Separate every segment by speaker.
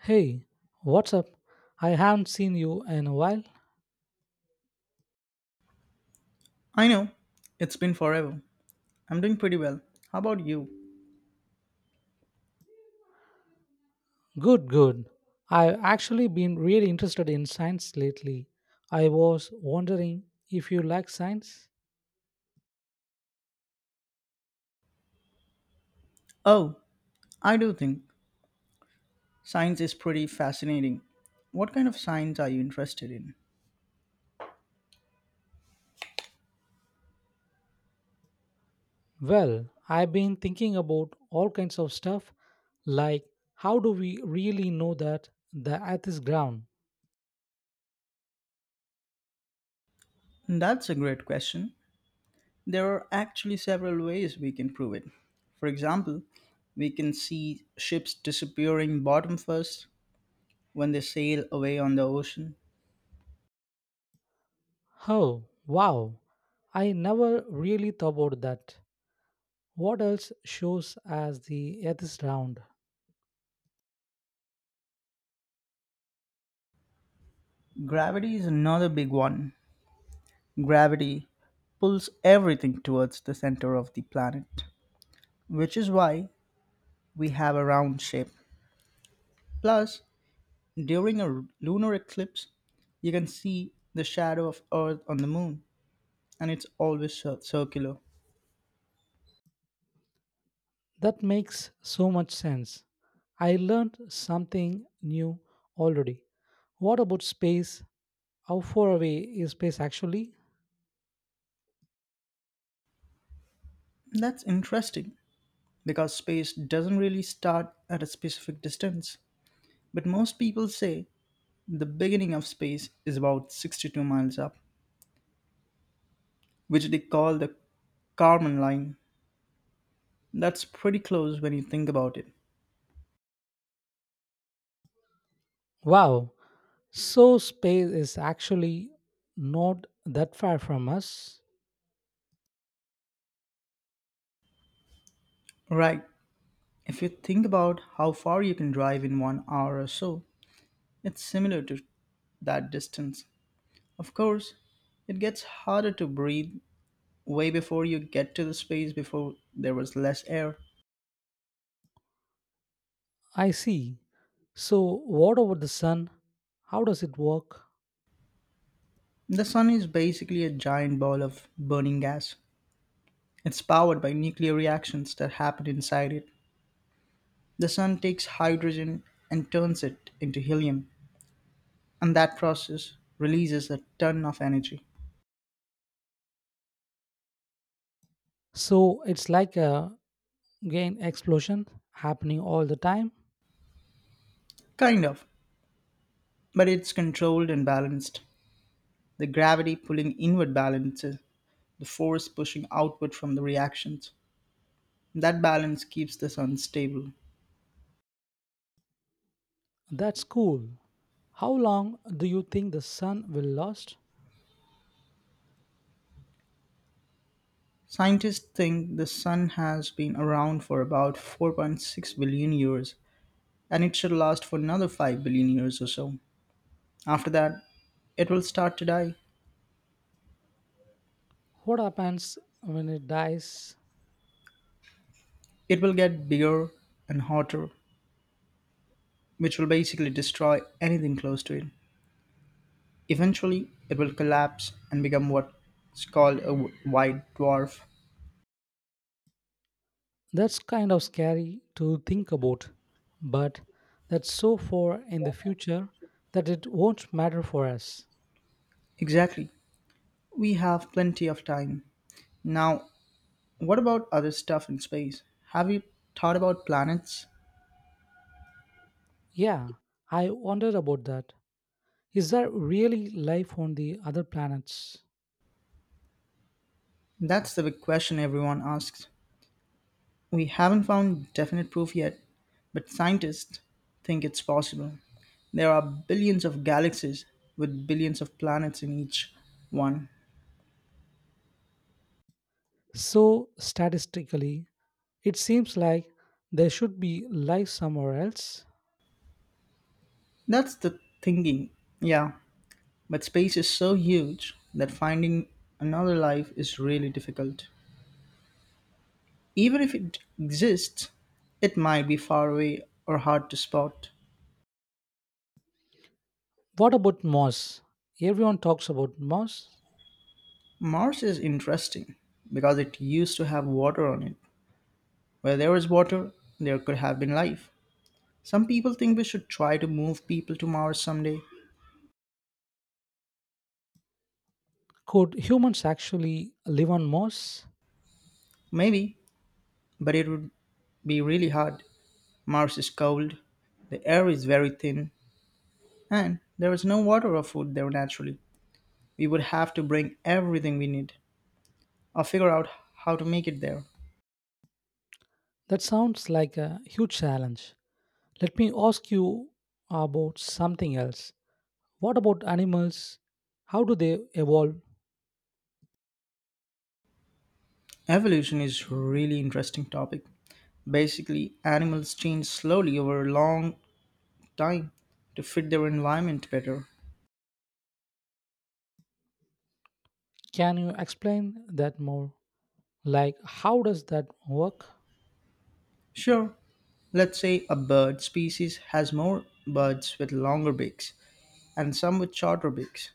Speaker 1: Hey, what's up? I haven't seen you in a while.
Speaker 2: I know. It's been forever. I'm doing pretty well. How about you?
Speaker 1: Good, good. I've actually been really interested in science lately. I was wondering if you like science?
Speaker 2: Oh, I do think science is pretty fascinating. What kind of science are you interested in?
Speaker 1: Well, I've been thinking about all kinds of stuff, like how do we really know that the earth is ground?
Speaker 2: That's a great question. There are actually several ways we can prove it. For example, we can see ships disappearing bottom first when they sail away on the ocean.
Speaker 1: Oh, wow. I never really thought about that. What else shows as the earth is round?
Speaker 2: Gravity is another big one. Gravity pulls everything towards the center of the planet, which is why we have a round shape. Plus, during a lunar eclipse, you can see the shadow of Earth on the moon, and it's always circular.
Speaker 1: That makes so much sense. I learned something new already. What about space? How far away is space actually?
Speaker 2: That's interesting because space doesn't really start at a specific distance. But most people say the beginning of space is about 62 miles up, which they call the Kármán line. That's pretty close when you think about it.
Speaker 1: Wow, so space is actually not that far from us.
Speaker 2: Right, if you think about how far you can drive in 1 hour or so, it's similar to that distance. Of course, it gets harder to breathe way before you get to the space before there was less air.
Speaker 1: I see. So, what about the sun? How does it work?
Speaker 2: The sun is basically a giant ball of burning gas. It's powered by nuclear reactions that happen inside it. The sun takes hydrogen and turns it into helium, and that process releases a ton of energy.
Speaker 1: So, it's like a gain explosion happening all the time.
Speaker 2: Kind of, but it's controlled and balanced. The gravity pulling inward balances the force pushing outward from the reactions. That balance keeps the sun stable.
Speaker 1: That's cool. How long do you think the sun will last?
Speaker 2: Scientists think the sun has been around for about 4.6 billion years, and it should last for another 5 billion years or so. After that, it will start to die.
Speaker 1: What happens when it dies?
Speaker 2: It will get bigger and hotter, which will basically destroy anything close to it. Eventually, it will collapse and become what's called a white dwarf.
Speaker 1: That's kind of scary to think about, but that's so far in the future that it won't matter for us.
Speaker 2: Exactly. We have plenty of time. Now, what about other stuff in space? Have you thought about planets?
Speaker 1: Yeah, I wondered about that. Is there really life on the other planets?
Speaker 2: That's the big question everyone asks. We haven't found definite proof yet, but scientists think it's possible. There are billions of galaxies with billions of planets in each one.
Speaker 1: So, statistically, it seems like there should be life somewhere else.
Speaker 2: That's the thinking, yeah, but space is so huge that finding another life is really difficult. Even if it exists, it might be far away or hard to spot.
Speaker 1: What about Mars? Everyone talks about Mars.
Speaker 2: Mars is interesting because it used to have water on it. Where there is water, there could have been life. Some people think we should try to move people to Mars someday.
Speaker 1: Could humans actually live on Mars?
Speaker 2: Maybe, but it would be really hard. Mars is cold, the air is very thin, and there is no water or food there naturally. We would have to bring everything we need or figure out how to make it there.
Speaker 1: That sounds like a huge challenge. Let me ask you about something else. What about animals? How do they evolve?
Speaker 2: Evolution is really interesting topic. Basically, animals change slowly over a long time to fit their environment better.
Speaker 1: Can you explain that more? Like, how does that work?
Speaker 2: Sure, let's say a bird species has more birds with longer beaks and some with shorter beaks.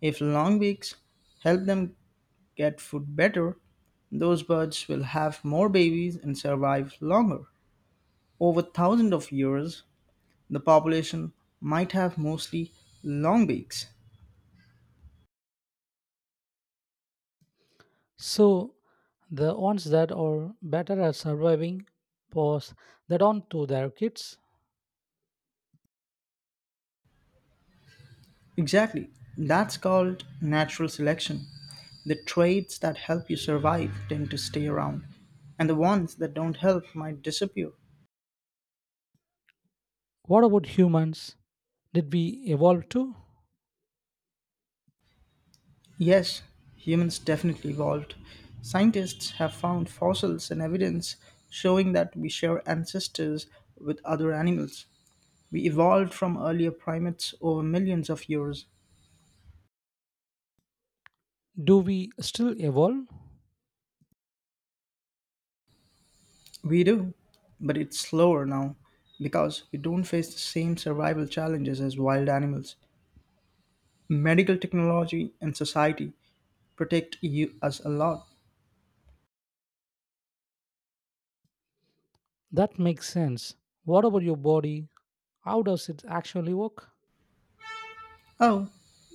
Speaker 2: If long beaks help them get food better, those birds will have more babies and survive longer. Over thousands of years, the population might have mostly long beaks.
Speaker 1: So, the ones that are better at surviving pass that on to their kids.
Speaker 2: Exactly. That's called natural selection. The traits that help you survive tend to stay around, and the ones that don't help might disappear.
Speaker 1: What about humans? Did we evolve too?
Speaker 2: Yes, humans definitely evolved. Scientists have found fossils and evidence showing that we share ancestors with other animals. We evolved from earlier primates over millions of years.
Speaker 1: Do we still evolve?
Speaker 2: We do, but it's slower now because we don't face the same survival challenges as wild animals. Medical technology and society protect us a lot.
Speaker 1: That makes sense. What about your body? How does it actually work?
Speaker 2: Oh,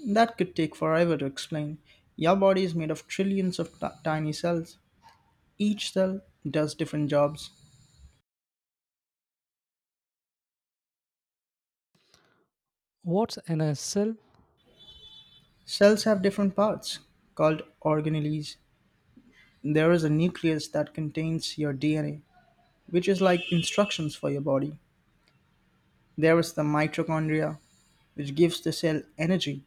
Speaker 2: that could take forever to explain. Your body is made of trillions of tiny cells. Each cell does different jobs.
Speaker 1: What's NSL?
Speaker 2: Cells have different parts called organelles. There is a nucleus that contains your DNA, which is like instructions for your body. There is the mitochondria, which gives the cell energy,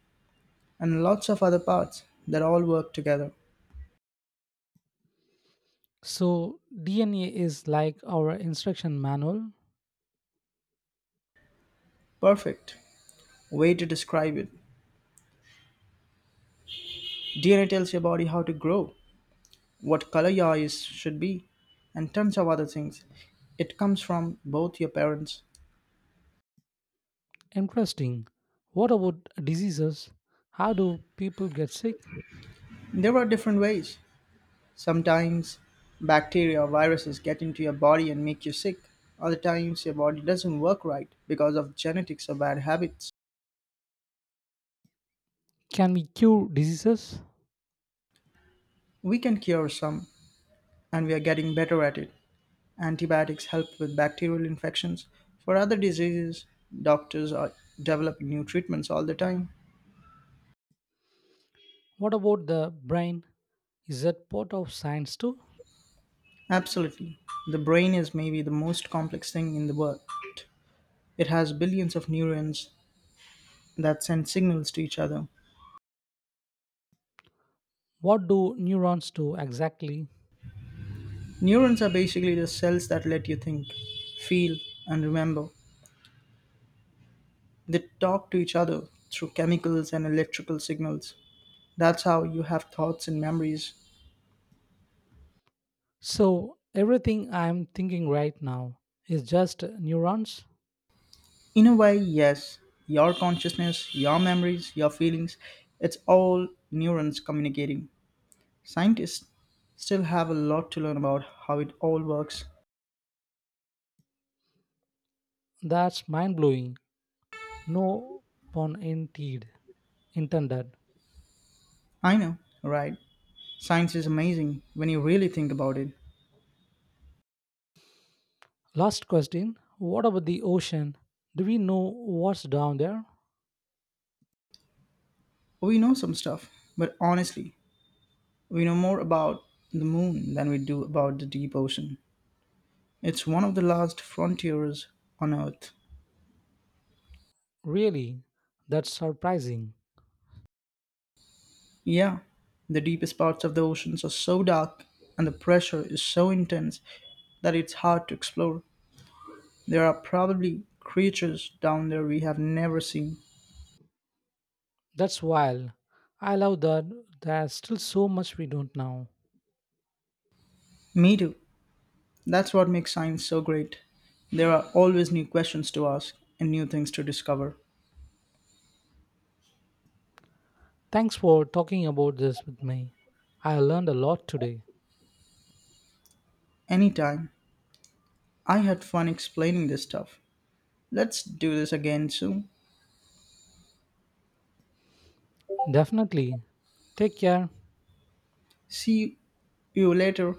Speaker 2: and lots of other parts that all work together.
Speaker 1: So, DNA is like our instruction manual.
Speaker 2: Perfect way to describe it. DNA tells your body how to grow, what color your eyes should be, and tons of other things. It comes from both your parents.
Speaker 1: Interesting. What about diseases? How do people get sick?
Speaker 2: There are different ways. Sometimes bacteria or viruses get into your body and make you sick. Other times your body doesn't work right because of genetics or bad habits.
Speaker 1: Can we cure diseases?
Speaker 2: We can cure some, and we are getting better at it. Antibiotics help with bacterial infections. For other diseases, doctors are developing new treatments all the time.
Speaker 1: What about the brain? Is that part of science too?
Speaker 2: Absolutely. The brain is maybe the most complex thing in the world. It has billions of neurons that send signals to each other.
Speaker 1: What do neurons do exactly?
Speaker 2: Neurons are basically the cells that let you think, feel, and remember. They talk to each other through chemicals and electrical signals. That's how you have thoughts and memories.
Speaker 1: So, everything I'm thinking right now is just neurons?
Speaker 2: In a way, yes, your consciousness, your memories, your feelings, it's all neurons communicating. Scientists still have a lot to learn about how it all works.
Speaker 1: That's mind blowing. No pun indeed intended.
Speaker 2: I know, right? Science is amazing when you really think about it.
Speaker 1: Last question. What about the ocean? Do we know what's down there?
Speaker 2: We know some stuff, but honestly, we know more about the moon than we do about the deep ocean. It's one of the last frontiers on Earth.
Speaker 1: Really? That's surprising.
Speaker 2: Yeah, the deepest parts of the oceans are so dark and the pressure is so intense that it's hard to explore. There are probably creatures down there we have never seen.
Speaker 1: That's wild. I love that there's still so much we don't know.
Speaker 2: Me too. That's what makes science so great. There are always new questions to ask and new things to discover.
Speaker 1: Thanks for talking about this with me. I learned a lot today.
Speaker 2: Anytime. I had fun explaining this stuff. Let's do this again soon.
Speaker 1: Definitely. Take care.
Speaker 2: See you later.